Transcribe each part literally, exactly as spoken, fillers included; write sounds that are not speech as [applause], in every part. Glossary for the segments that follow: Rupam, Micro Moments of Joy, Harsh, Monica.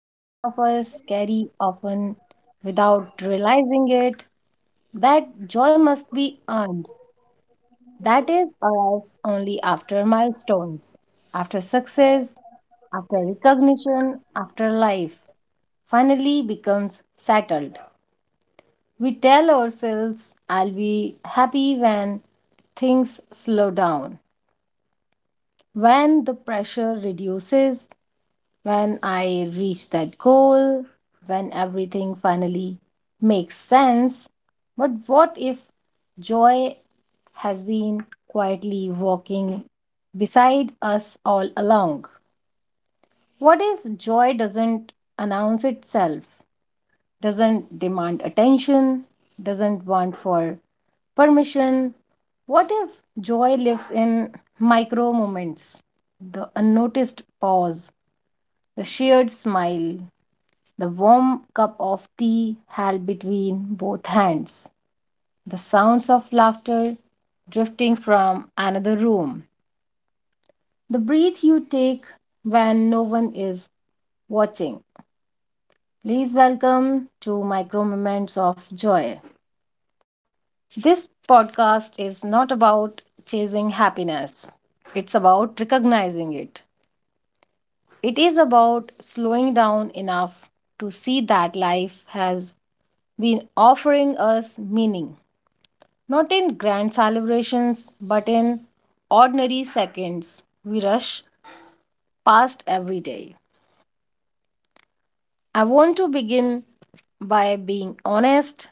many of us carry often without realizing it that joy must be earned. That is, arrives only after milestones, after success, after recognition, after life finally becomes settled. We tell ourselves, I'll be happy when things slow down, when the pressure reduces, when I reach that goal, when everything finally makes sense. But what if joy has been quietly walking beside us all along? What if joy doesn't announce itself, doesn't demand attention, doesn't want for permission? What if joy lives in micro moments, the unnoticed pause, the shared smile, the warm cup of tea held between both hands, the sounds of laughter drifting from another room, the breath you take when no one is watching. Please welcome to Micro Moments of Joy. This podcast is not about chasing happiness, it's about recognizing it. It is about slowing down enough to see that life has been offering us meaning, not in grand celebrations, but in ordinary seconds, we rush past every day. I want to begin by being honest.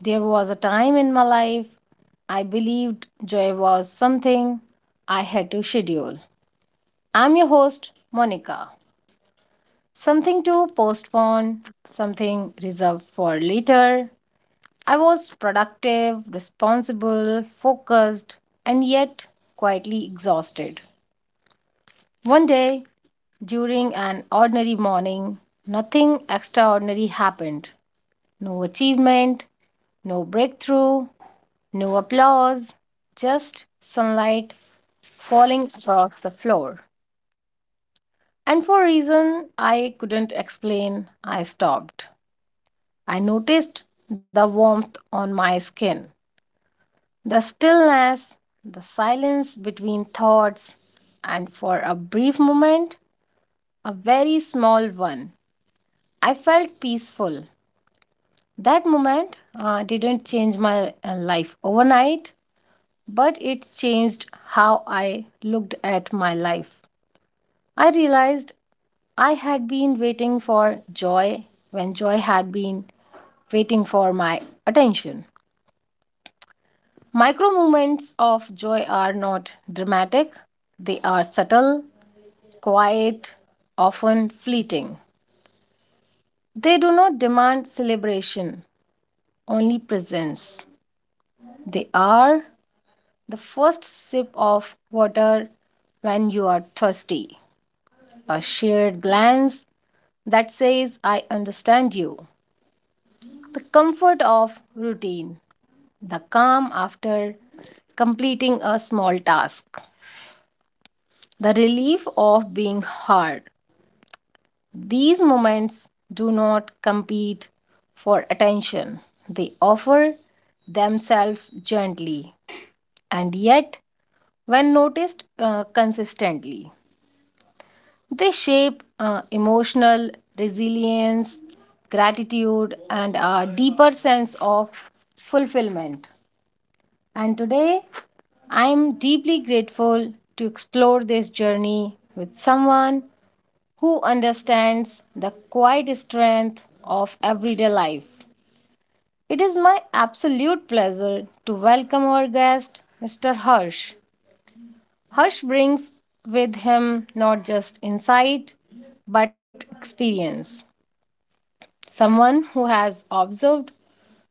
There was a time in my life I believed joy was something I had to schedule. I'm your host, Monica. Something to postpone, something reserved for later. I was productive, responsible, focused, and yet quietly exhausted. One day, during an ordinary morning, nothing extraordinary happened. No achievement, no breakthrough, no applause, just sunlight falling across the floor. And for a reason I couldn't explain, I stopped. I noticed the warmth on my skin, the stillness, the silence between thoughts, and for a brief moment, a very small one, I felt peaceful. That moment uh, didn't change my uh, life overnight, but it changed how I looked at my life. I realized I had been waiting for joy when joy had been waiting for my attention. Micro moments of joy are not dramatic, they are subtle, quiet, often fleeting. They do not demand celebration, only presence. They are the first sip of water when you are thirsty. A shared glance that says, I understand you. The comfort of routine. The calm after completing a small task. The relief of being heard. These moments do not compete for attention, they offer themselves gently, and yet, when noticed uh, consistently, they shape uh, emotional resilience, gratitude, and a deeper sense of fulfillment. And today, I'm deeply grateful to explore this journey with someone who understands the quiet strength of everyday life. It is my absolute pleasure to welcome our guest, Mister Harsh. Harsh brings with him not just insight but lived experience. Someone who has observed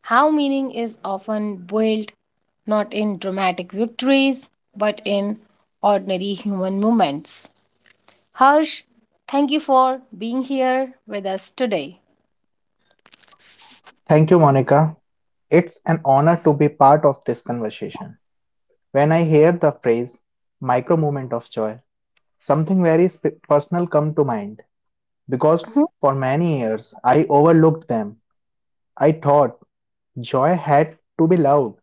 how meaning is often built not in dramatic victories but in ordinary human moments. Harsh, thank you for being here with us today. Thank you, Monica. It's an honor to be part of this conversation. When I hear the phrase micro moment of joy, something very sp- personal come to mind because Mhm. for many years I overlooked them. I thought joy had to be loud,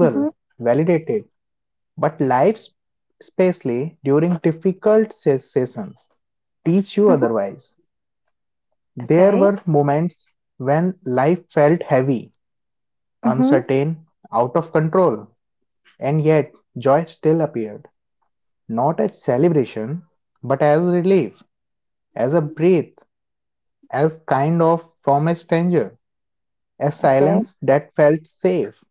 Mhm. validated, but life, especially during difficult se- seasons, teach you Mhm. otherwise. There Okay. were moments when life felt heavy, Mm-hmm. uncertain, out of control. And yet, joy still appeared, not as celebration, but as relief, as a breath, as kind of from a stranger, a Okay. silence that felt safe.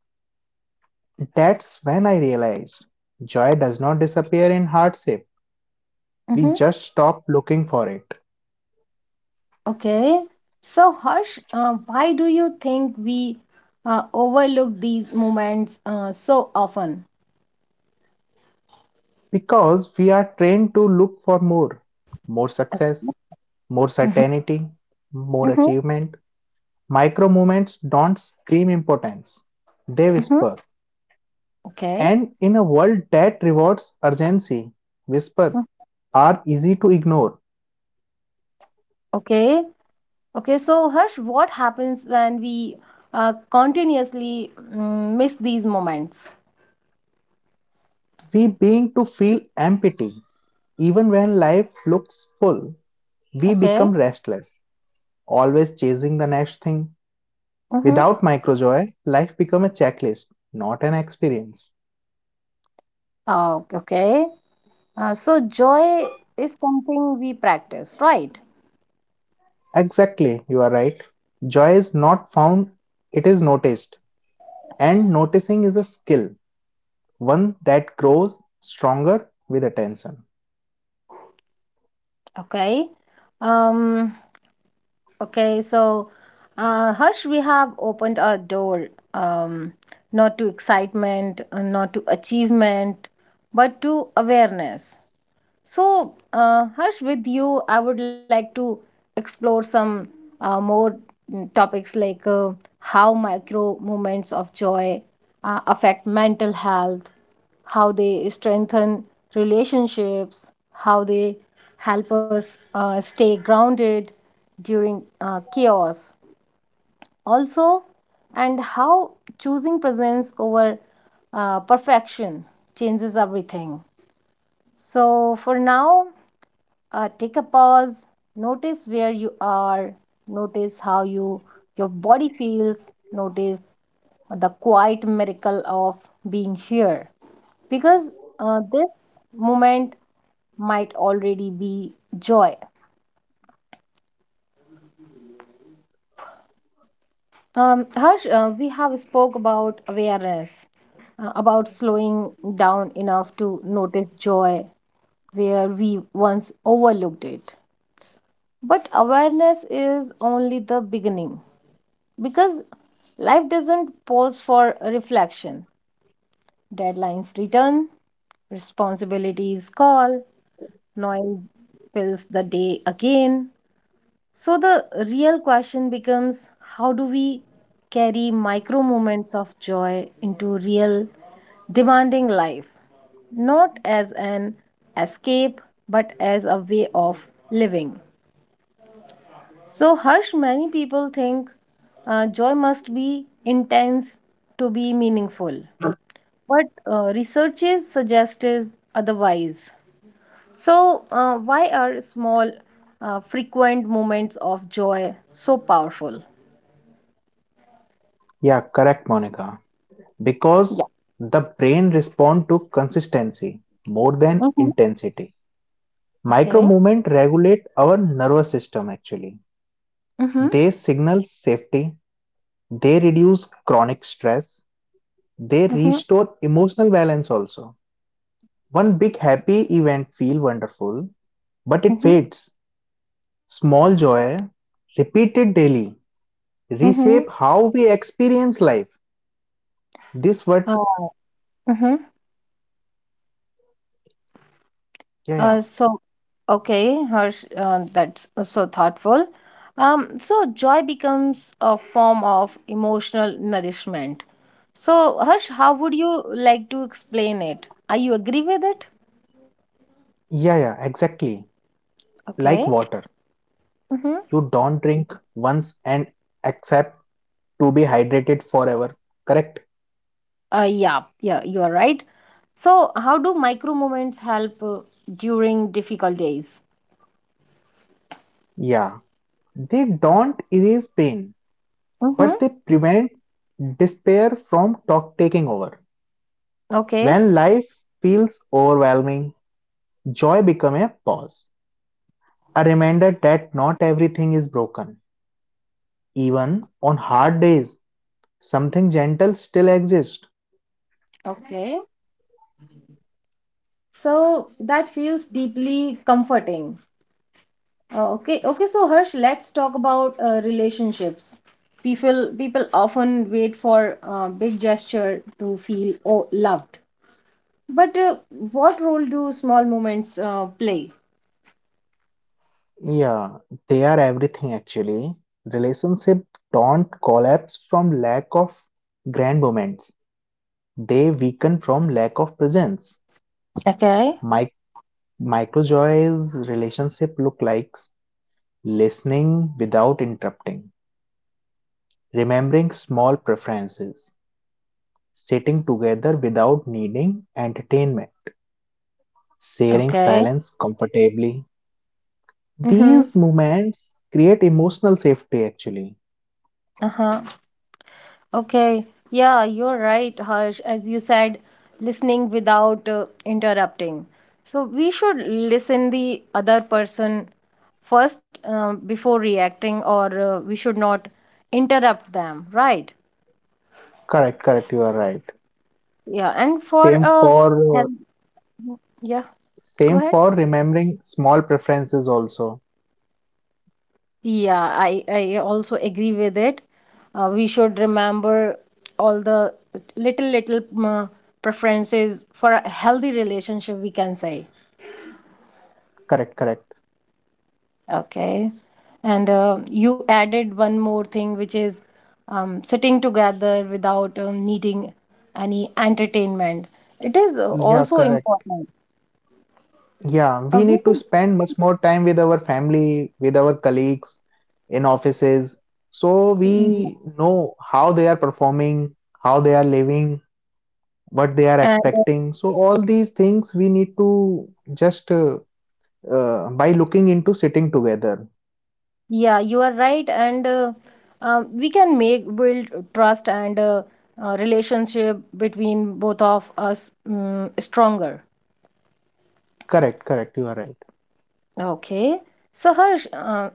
That's when I realized joy does not disappear in hardship. We Mm-hmm. just stop looking for it Okay. So, Harsh, uh, why do you think we uh, overlook these moments uh, so often? because we are trained to look for more, more success, more Mm-hmm. certainty, more Mm-hmm. achievement. Micro movements don't scream importance, they Mm-hmm. whisper. Okay. And in a world that rewards urgency, whispers Mm. are easy to ignore. Okay. Okay, so Harsh, what happens when we uh, continuously mm, miss these moments? We begin to feel empty, even when life looks full, we Okay. become restless, always chasing the next thing. Mm-hmm. Without microjoy, life becomes a checklist, not an experience. Oh, okay. Uh, so joy is something we practice, right? Exactly, you are right. Joy is not found, it is noticed. And noticing is a skill, one that grows stronger with attention. Okay. Um, okay, so uh, Harsh, we have opened our door, um, not to excitement, uh, not to achievement, but to awareness. So, uh, Harsh, with you, I would like to explore some uh, more mm, topics like uh, how micro moments of joy uh, affect mental health, how they strengthen relationships, how they help us uh, stay grounded during uh, chaos, also, and how choosing presence over uh, perfection changes everything. So, for now, uh, take a pause, notice where you are, notice how you your body feels, notice the quiet miracle of being here, because uh, this moment might already be joy. Um, harsh uh, we have spoke about awareness, uh, about slowing down enough to notice joy where we once overlooked it, but awareness is only the beginning, because life doesn't pause for reflection. Deadlines return, responsibilities call, noise fills the day again. So the real question becomes, how do we carry micro moments of joy into real demanding life, not as an escape but as a way of living? So, Harsh, many people think uh, joy must be intense to be meaningful, but uh, researches suggest is otherwise. So, uh, why are small, uh, frequent moments of joy so powerful? Yeah, correct, Monica. Yeah. Because the brain responds to consistency more than Mm-hmm. intensity. Micro Okay. movement regulate our nervous system actually. Mm-hmm. They signal safety, they reduce chronic stress, they Mm-hmm. restore emotional balance also. One big happy event feel wonderful, but it Mm-hmm. fades. Small joy, repeated daily, reshape Mm-hmm. how we experience life. This what? Uh, mhm. yeah yeah Uh, so, okay, Harsh, uh, that's uh, so thoughtful. Um, so, joy becomes a form of emotional nourishment. So, Harsh, how would you like to explain it? Are you agree with it? yeah yeah exactly, like Okay. water. Mm-hmm. You don't drink once and accept to be hydrated forever, correct? Uh, yeah, yeah, you are right. So, how do micro moments help uh, during difficult days? Yeah, they don't erase pain, but Mm-hmm. they prevent despair from talk taking over. Okay, When life feels overwhelming, joy becomes a pause, a reminder that not everything is broken. Even on hard days, something gentle still exists. okay. So, that feels deeply comforting. Uh, okay, okay. So Harsh, let's talk about uh, relationships. People, people often wait for uh, big gesture to feel, oh, loved. But uh, what role do small moments uh, play? Yeah, they are everything actually. Relationship don't collapse from lack of grand moments. They weaken from lack of presence. Okay. Mic Micro joys relationship look like listening without interrupting, remembering small preferences, sitting together without needing entertainment, sharing Okay. silence comfortably. Mm-hmm. These moments create emotional safety actually. Uh-huh. Okay, yeah, you're right, Harsh. As you said, listening without uh, interrupting. So we should listen the other person first uh, before reacting, or uh, we should not interrupt them, right? Correct, correct, you are right. Yeah, and for Same uh, for uh, health, yeah, go same ahead. for remembering small preferences also. Yeah, I I also agree with it. Uh, we should remember all the little little uh, preferences for a healthy relationship, we can say. Correct, correct. Okay. And uh, you added one more thing, which is, um, sitting together without, um, needing any entertainment. It is uh, Yeah, also correct. important. Yeah, Uh, we we need to can- spend much more time with our family, with our colleagues in offices, so y- we know how they are performing, how they are living, what they are and uh, expecting. So all these things we need to just uh, uh, by looking into sitting together. yeah, you are right. And uh, um, we can make build trust and uh, uh, relationship between both of us um, stronger. Correct, correct. You are right. Okay. So, Harsh, uh,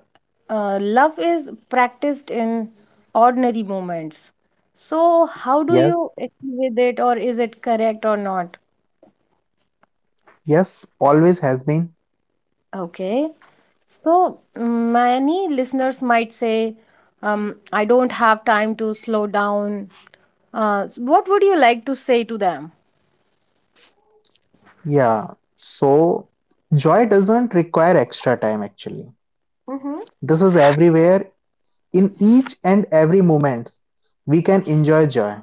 uh, love is practiced in ordinary moments. So, how do Yes, you agree with it, or is it correct or not? yes, always has been. Okay. So, many listeners might say, um, I don't have time to slow down. Uh, s- what would you like to say to them? Yeah, so joy doesn't require extra time actually. Mm-hmm. This is everywhere in each and every moment. We can enjoy joy.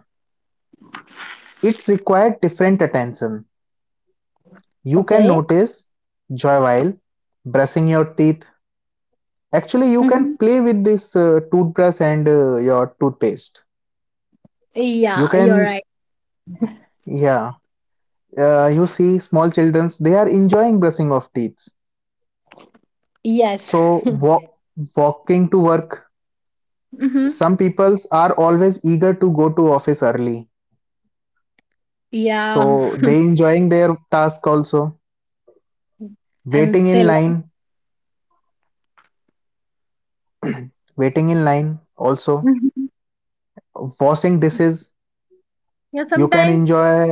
It's required different attention. You can Okay. notice joy while brushing your teeth. Actually, you Hmm. can play with this uh, toothbrush and uh, your toothpaste. You Yeah, you're can, right. yeah, uh, you see small children, they are enjoying brushing of teeth. Yes. [laughs] So, walk, yes, walking to work, Mm-hmm. some peoples are always eager to go to office early, Yeah. so they enjoying their task also, waiting And in they. line, waiting in line also, Mhm. washing dishes, Yeah, you can sometimes. enjoy.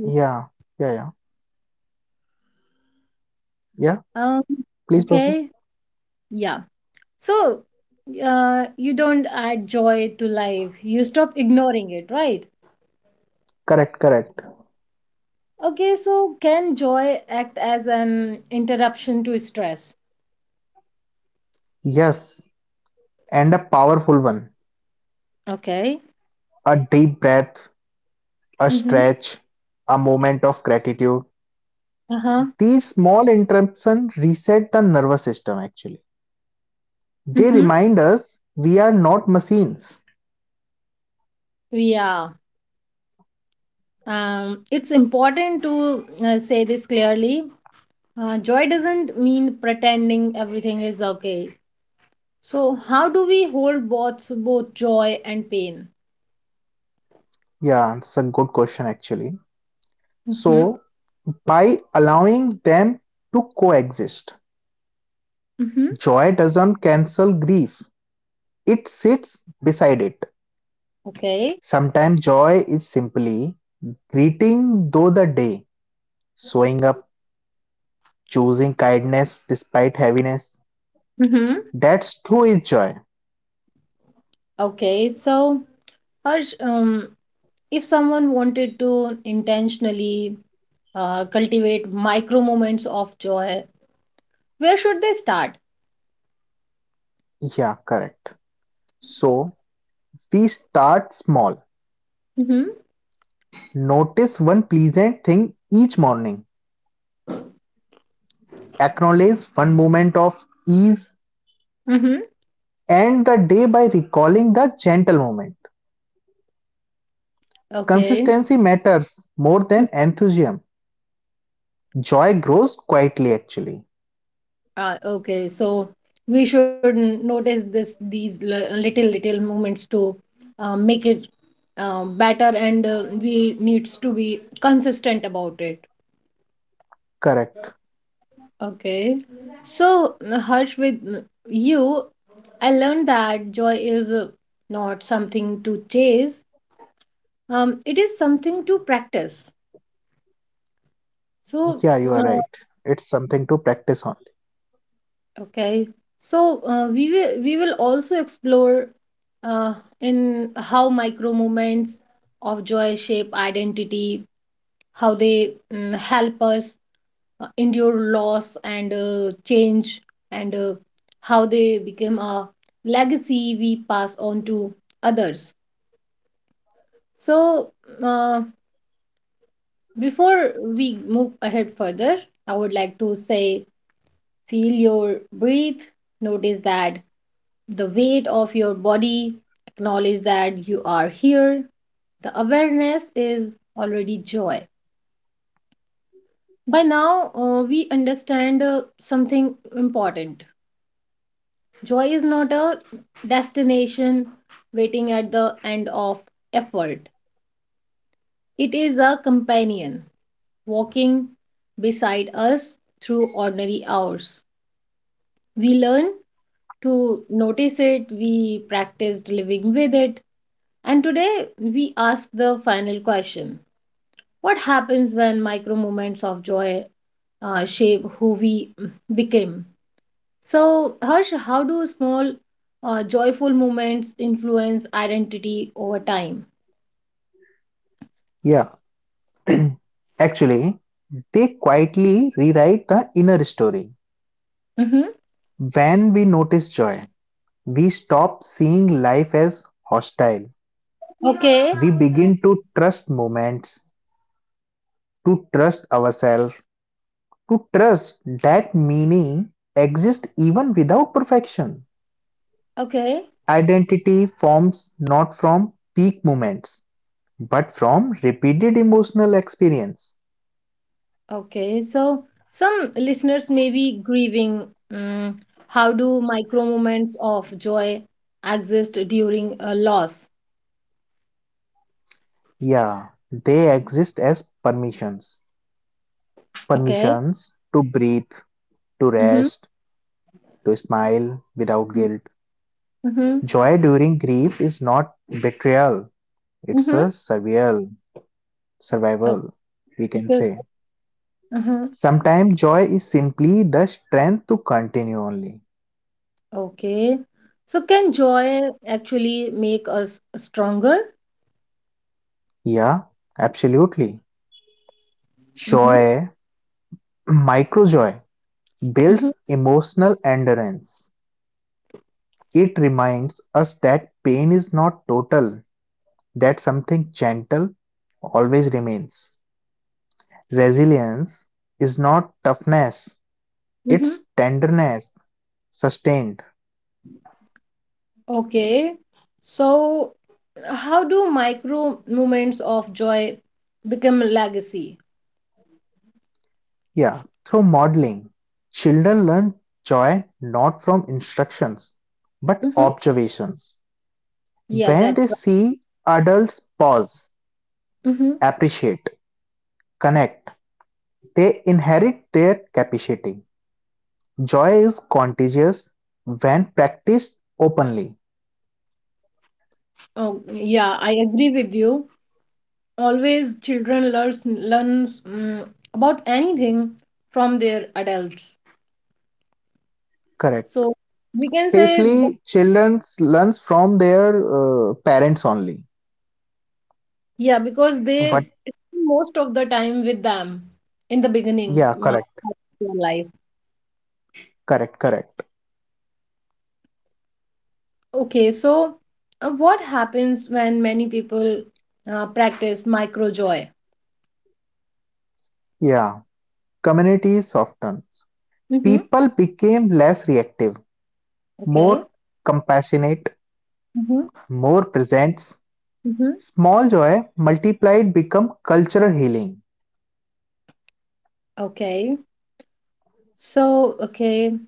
Yeah yeah yeah yeah Um, Please proceed. okay. Yeah. So, uh, you don't add joy to life. You stop ignoring it, right? Correct, correct. Okay, so can joy act as an interruption to stress? Yes, and a powerful one, Okay. a deep breath, a Mm-hmm. stretch, a moment of gratitude. Uh-huh. These small interruptions reset the nervous system actually, they Mm-hmm. remind us we are not machines. Yeah. Um, it's important to uh, say this clearly. Uh, joy doesn't mean pretending everything is okay. So, how do we hold both both joy and pain? Yeah, that's a good question actually. Mm-hmm. So, by allowing them to coexist, Mm-hmm. joy doesn't cancel grief, it sits beside it. Okay. Sometimes joy is simply greeting though the day, showing up, choosing kindness despite heaviness. Mm-hmm. That's true is joy. Okay, so Harsh, um, if someone wanted to intentionally uh, cultivate micro moments of joy, where should they start? Yeah, correct. So, we start small. Mm-hmm. Notice one pleasant thing each morning. Acknowledge one moment of ease. Mm-hmm. End the day by recalling the gentle moment. Okay, Consistency matters more than enthusiasm. Joy grows quietly, actually. uh, okay, so we should n- notice this these li- little little moments to uh, make it, um, better, and uh, we needs to be consistent about it. Correct. Okay. So, uh, Harsh, with uh, you, I learned that joy is, uh, not something to chase. Um, it is something to practice. So, Yeah, you are uh, right. It's something to practice on. okay. So, uh, we will we will also explore uh, in how micro moments of joy shape identity, how they mm, help us uh, endure loss and uh, change, and uh, how they become a legacy we pass on to others. So uh, before we move ahead further, I would like to say, feel your breath, notice that the weight of your body, acknowledge that you are here, the awareness is already joy. By now uh, we understand uh, something important. Joy is not a destination waiting at the end of effort, it is a companion walking beside us through ordinary hours. We learn to notice it, we practiced living with it, and today we ask the final question: what happens when micro moments of joy uh, shape who we became? So, Harsh, how do small, uh, joyful moments influence identity over time? Yeah. [clears throat] Actually, they quietly rewrite the inner story. Mm-hmm. When we notice joy, we stop seeing life as hostile. Okay, We begin to trust moments, to trust ourselves, to trust that meaning exists even without perfection. okay, Identity forms not from peak moments, but from repeated emotional experience. okay. So, some listeners may be grieving. Mm, how do micro moments of joy exist during a loss? Yeah, they exist as permissions. Okay. Permissions to breathe, to Mm-hmm. rest, to smile without guilt. Mm-hmm. Joy during grief is not betrayal, it's Mm-hmm. a survival, Okay. survival, we can Okay. say. Mm-hmm. Sometimes joy is simply the strength to continue only. Okay. So, can joy actually make us stronger? Yeah, absolutely. Mm-hmm. Joy, [clears throat] micro joy, Mm-hmm. builds emotional endurance. It reminds us that pain is not total, that something gentle always remains. Resilience is not toughness, Mm-hmm. its tenderness sustained. Okay. So, uh, how do micro moments of joy become a legacy? Yeah, through modeling. Children learn joy not from instructions but Mm-hmm. observations. Yeah, When that. they see adults pause, Mm-hmm. appreciate, connect, they inherit their capacity. Joy is contagious when practiced openly. Oh, yeah, I agree with you. Always, children learns learns mm, about anything from their adults. Correct. So we can say, that, Especially children learns from their uh, parents only. yeah, because they What? spend most of the time with them in the beginning Yeah, uh, correct, of their life. correct, correct. Okay, so uh, what happens when many people uh, practice micro joy? Yeah. Community softened. Mm-hmm. People became less reactive, Okay. more compassionate, Mm-hmm. more present. Mm-hmm. Small joy multiplied become cultural healing. Okay. So, okay,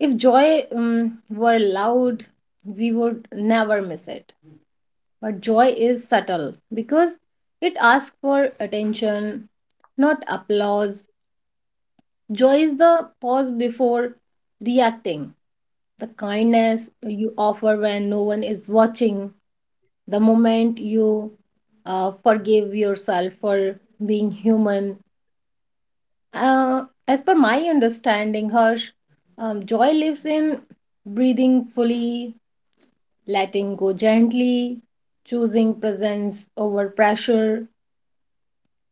if joy um, were loud, we would never miss it. But joy is subtle because it asks for attention, not applause. Joy is the pause before reacting, the kindness you offer when no one is watching, the moment you uh, forgive yourself for being human. Uh, as per my understanding, Harsh, um, joy lives in breathing fully, letting go gently, choosing presence over pressure.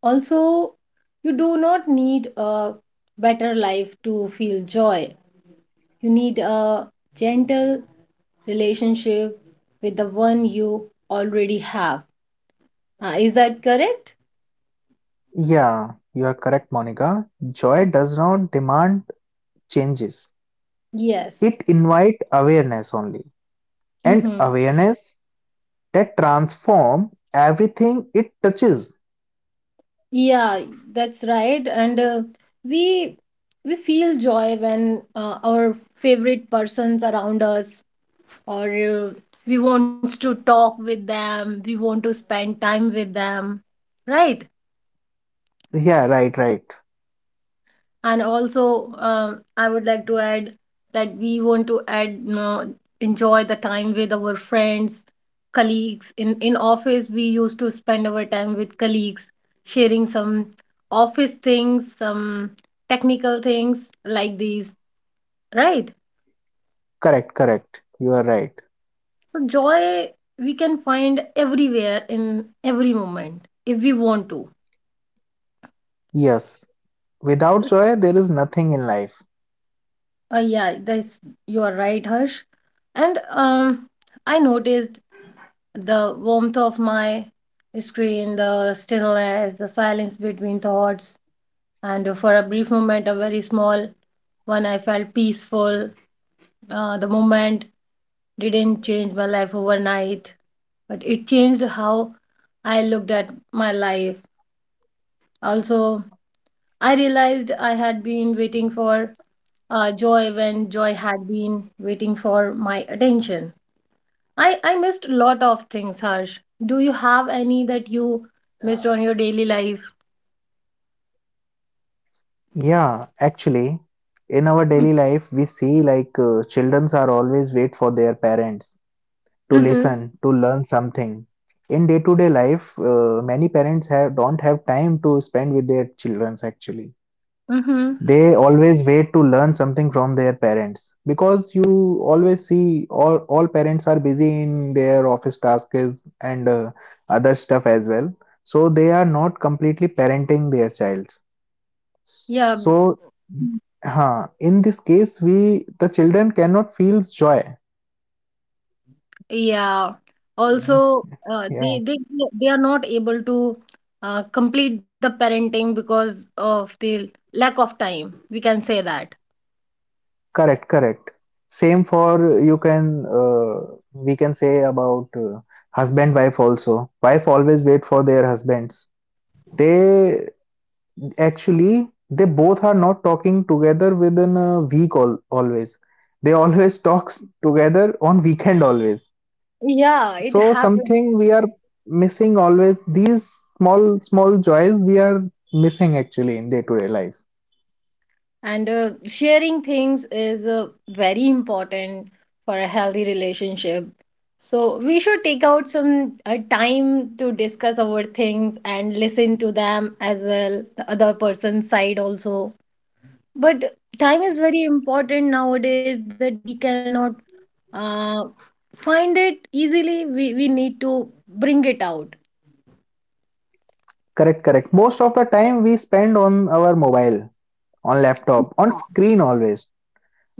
Also, you do not need a better life to feel joy. You need a gentle relationship with the one you already have. Uh, is that correct? Yeah, you are correct, Monica. Joy does not demand changes. Yes. It invite awareness only. And Mm-hmm. awareness that transform everything it touches. Yeah, that's right. And uh, we we feel joy when uh, our favorite persons around us, or uh, we want to talk with them, we want to spend time with them, right? Yeah, right, right. And also um, I would like to add that we want to add uh, enjoy the time with our friends, colleagues in in office. We used to spend our time with colleagues sharing some office things, some technical things like these, right? Correct, correct. You are right. So joy, we can find everywhere in every moment if we want to. Yes. Without joy, there is nothing in life. Uh, yeah, that's you are right, Harsh. And um I noticed the warmth of my screen, the stillness, the silence between thoughts, and for a brief moment, a very small one, I felt peaceful. Uh, the moment didn't change my life overnight, but it changed how I looked at my life. Also, I realized I had been waiting for uh, joy when joy had been waiting for my attention. I I missed a lot of things, Harsh. Do you have any that you missed on your daily life? Yeah, actually, in our daily life, we see like uh, childrens are always wait for their parents to Mm-hmm. listen, to learn something. In day-to-day life, uh, many parents have don't have time to spend with their childrens actually. Mm-hmm. They always wait to learn something from their parents because you always see all, all parents are busy in their office tasks and uh, other stuff as well. So they are not completely parenting their child. S- Yeah. Mm. So, huh, in this case, we the children cannot feel joy. Yeah. Okay. Also, uh, Yeah, they they they are not able to uh, complete the parenting because of the lack of time. We can say that. correct, correct. Same for you can uh, we can say about uh, husband wife also. Wife always wait for their husbands. They Actually they both are not talking together within a week all, always. They always [laughs] talks together on weekend always. Yeah, it So happens. something we are missing always, these small small joys we are missing actually in day to day life. And uh, sharing things is uh, very important for a healthy relationship. So we should take out some uh, time to discuss our things and listen to them as well, the other person's side also. But time is very important nowadays that we cannot uh, find it easily. We, we need to bring it out. Correct, correct. Most of the time we spend on our mobile, on laptop, on screen always.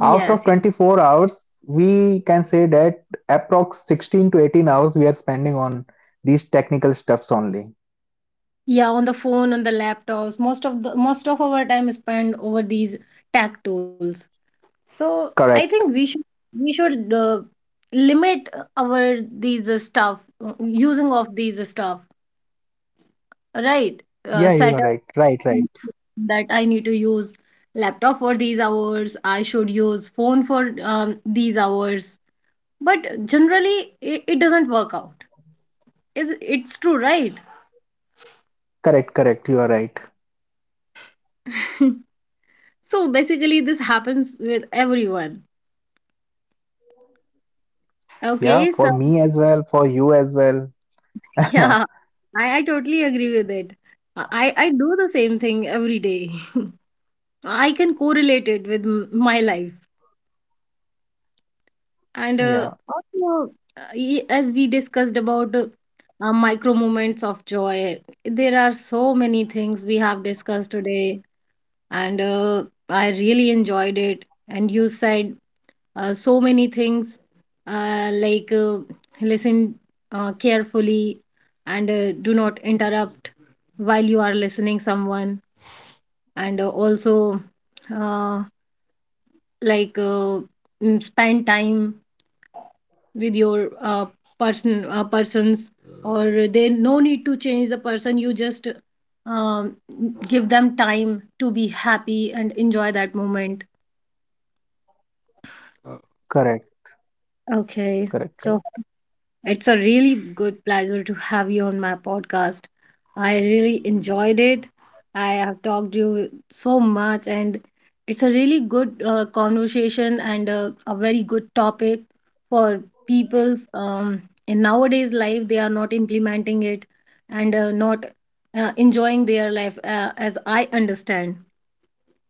Out of yes. twenty-four hours we can say that approx sixteen to eighteen hours we are spending on these technical stuffs only. Yeah, on the phone, on the laptops. Most of the most of our time is spent over these tech tools. So I think we Correct. should we should uh, limit uh, our these uh, stuff, uh, using of these uh, stuff, right? Uh, Yeah, you set are right, up right right. [laughs] that I need to use laptop for these hours. I should use phone for um, these hours. But generally, it, it doesn't work out. Is it's true, right? Correct, correct, you are right. [laughs] So basically, this happens with everyone. Yeah, Okay, for so me as well, for you as well. [laughs] [laughs] yeah, I, I totally agree with it. I I do the same thing every day. I can correlate it with m- my life. And uh, Yeah, also, uh, y- as we discussed about uh, uh, micro moments of joy, there are so many things we have discussed today, and uh, I really enjoyed it. And you said uh, so many things uh, like uh, listen uh, carefully, and uh, do not interrupt while you are listening someone, and uh, also. Uh, like uh, mm, spend time with your uh, person uh, persons, or they no need to change the person. You just um, give them time to be happy and enjoy that moment. correct Okay, correct so correct. it's a really good pleasure to have you on my podcast. I really enjoyed it. I have talked to you so much, and it's a really good uh, conversation and a, a very good topic for people's um, in nowadays life. They are not implementing it and uh, not uh, enjoying their life uh, as I understand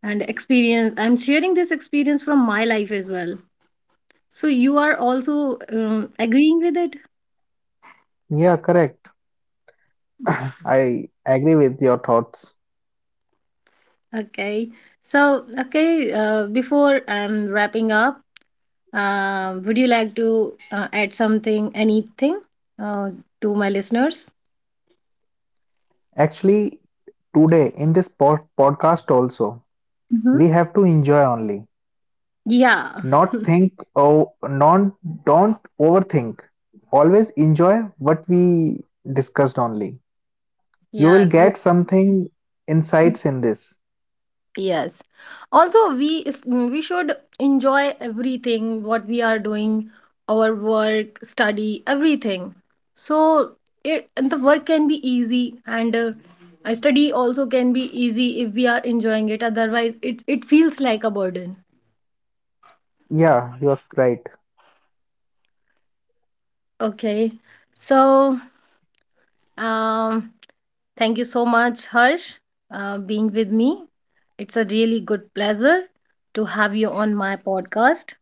and experience. I'm sharing this experience from my life as well. So you are also um, agreeing with it? Yeah, correct. [clears throat] I agree with your thoughts. Okay. So, okay, uh, before I'm wrapping up, uh, would you like to uh, add something, anything uh, to my listeners? Actually, today in this pod- podcast also, Hmm. we have to enjoy only, Yeah. [laughs] not think oh non don't overthink. Always enjoy what we discussed only. You will Yes. Wo-. get something insights in this. Yes. Also, we is- mm, we should enjoy everything what we are doing, our work, study, everything. So it and the work can be easy, and uh, uh, study also can be easy if we are enjoying it. Otherwise, it it feels like a burden. Yeah, you're right. Okay. So, um, thank you so much, Harsh, uh, being with me. It's a really good pleasure to have you on my podcast.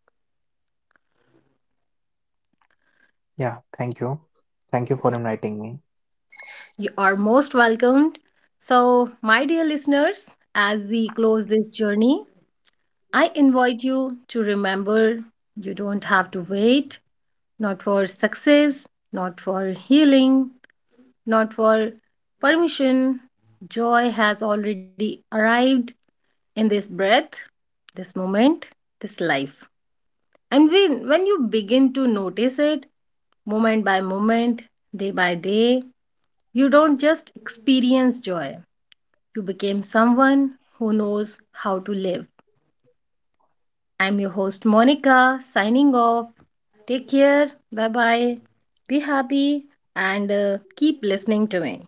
Yeah, thank you. Thank you for inviting me. You are most welcomed. So, my dear listeners, as we close this journey, I invite you to remember you don't have to wait, not for success, not for healing, not for permission. Joy has already arrived in this breath, this moment, this life. And when, when you begin to notice it, moment by moment, day by day, you don't just experience joy. You became someone who knows how to live. I'm your host, Monica, signing off. Take care. Bye bye. Be happy, and uh, keep listening to me.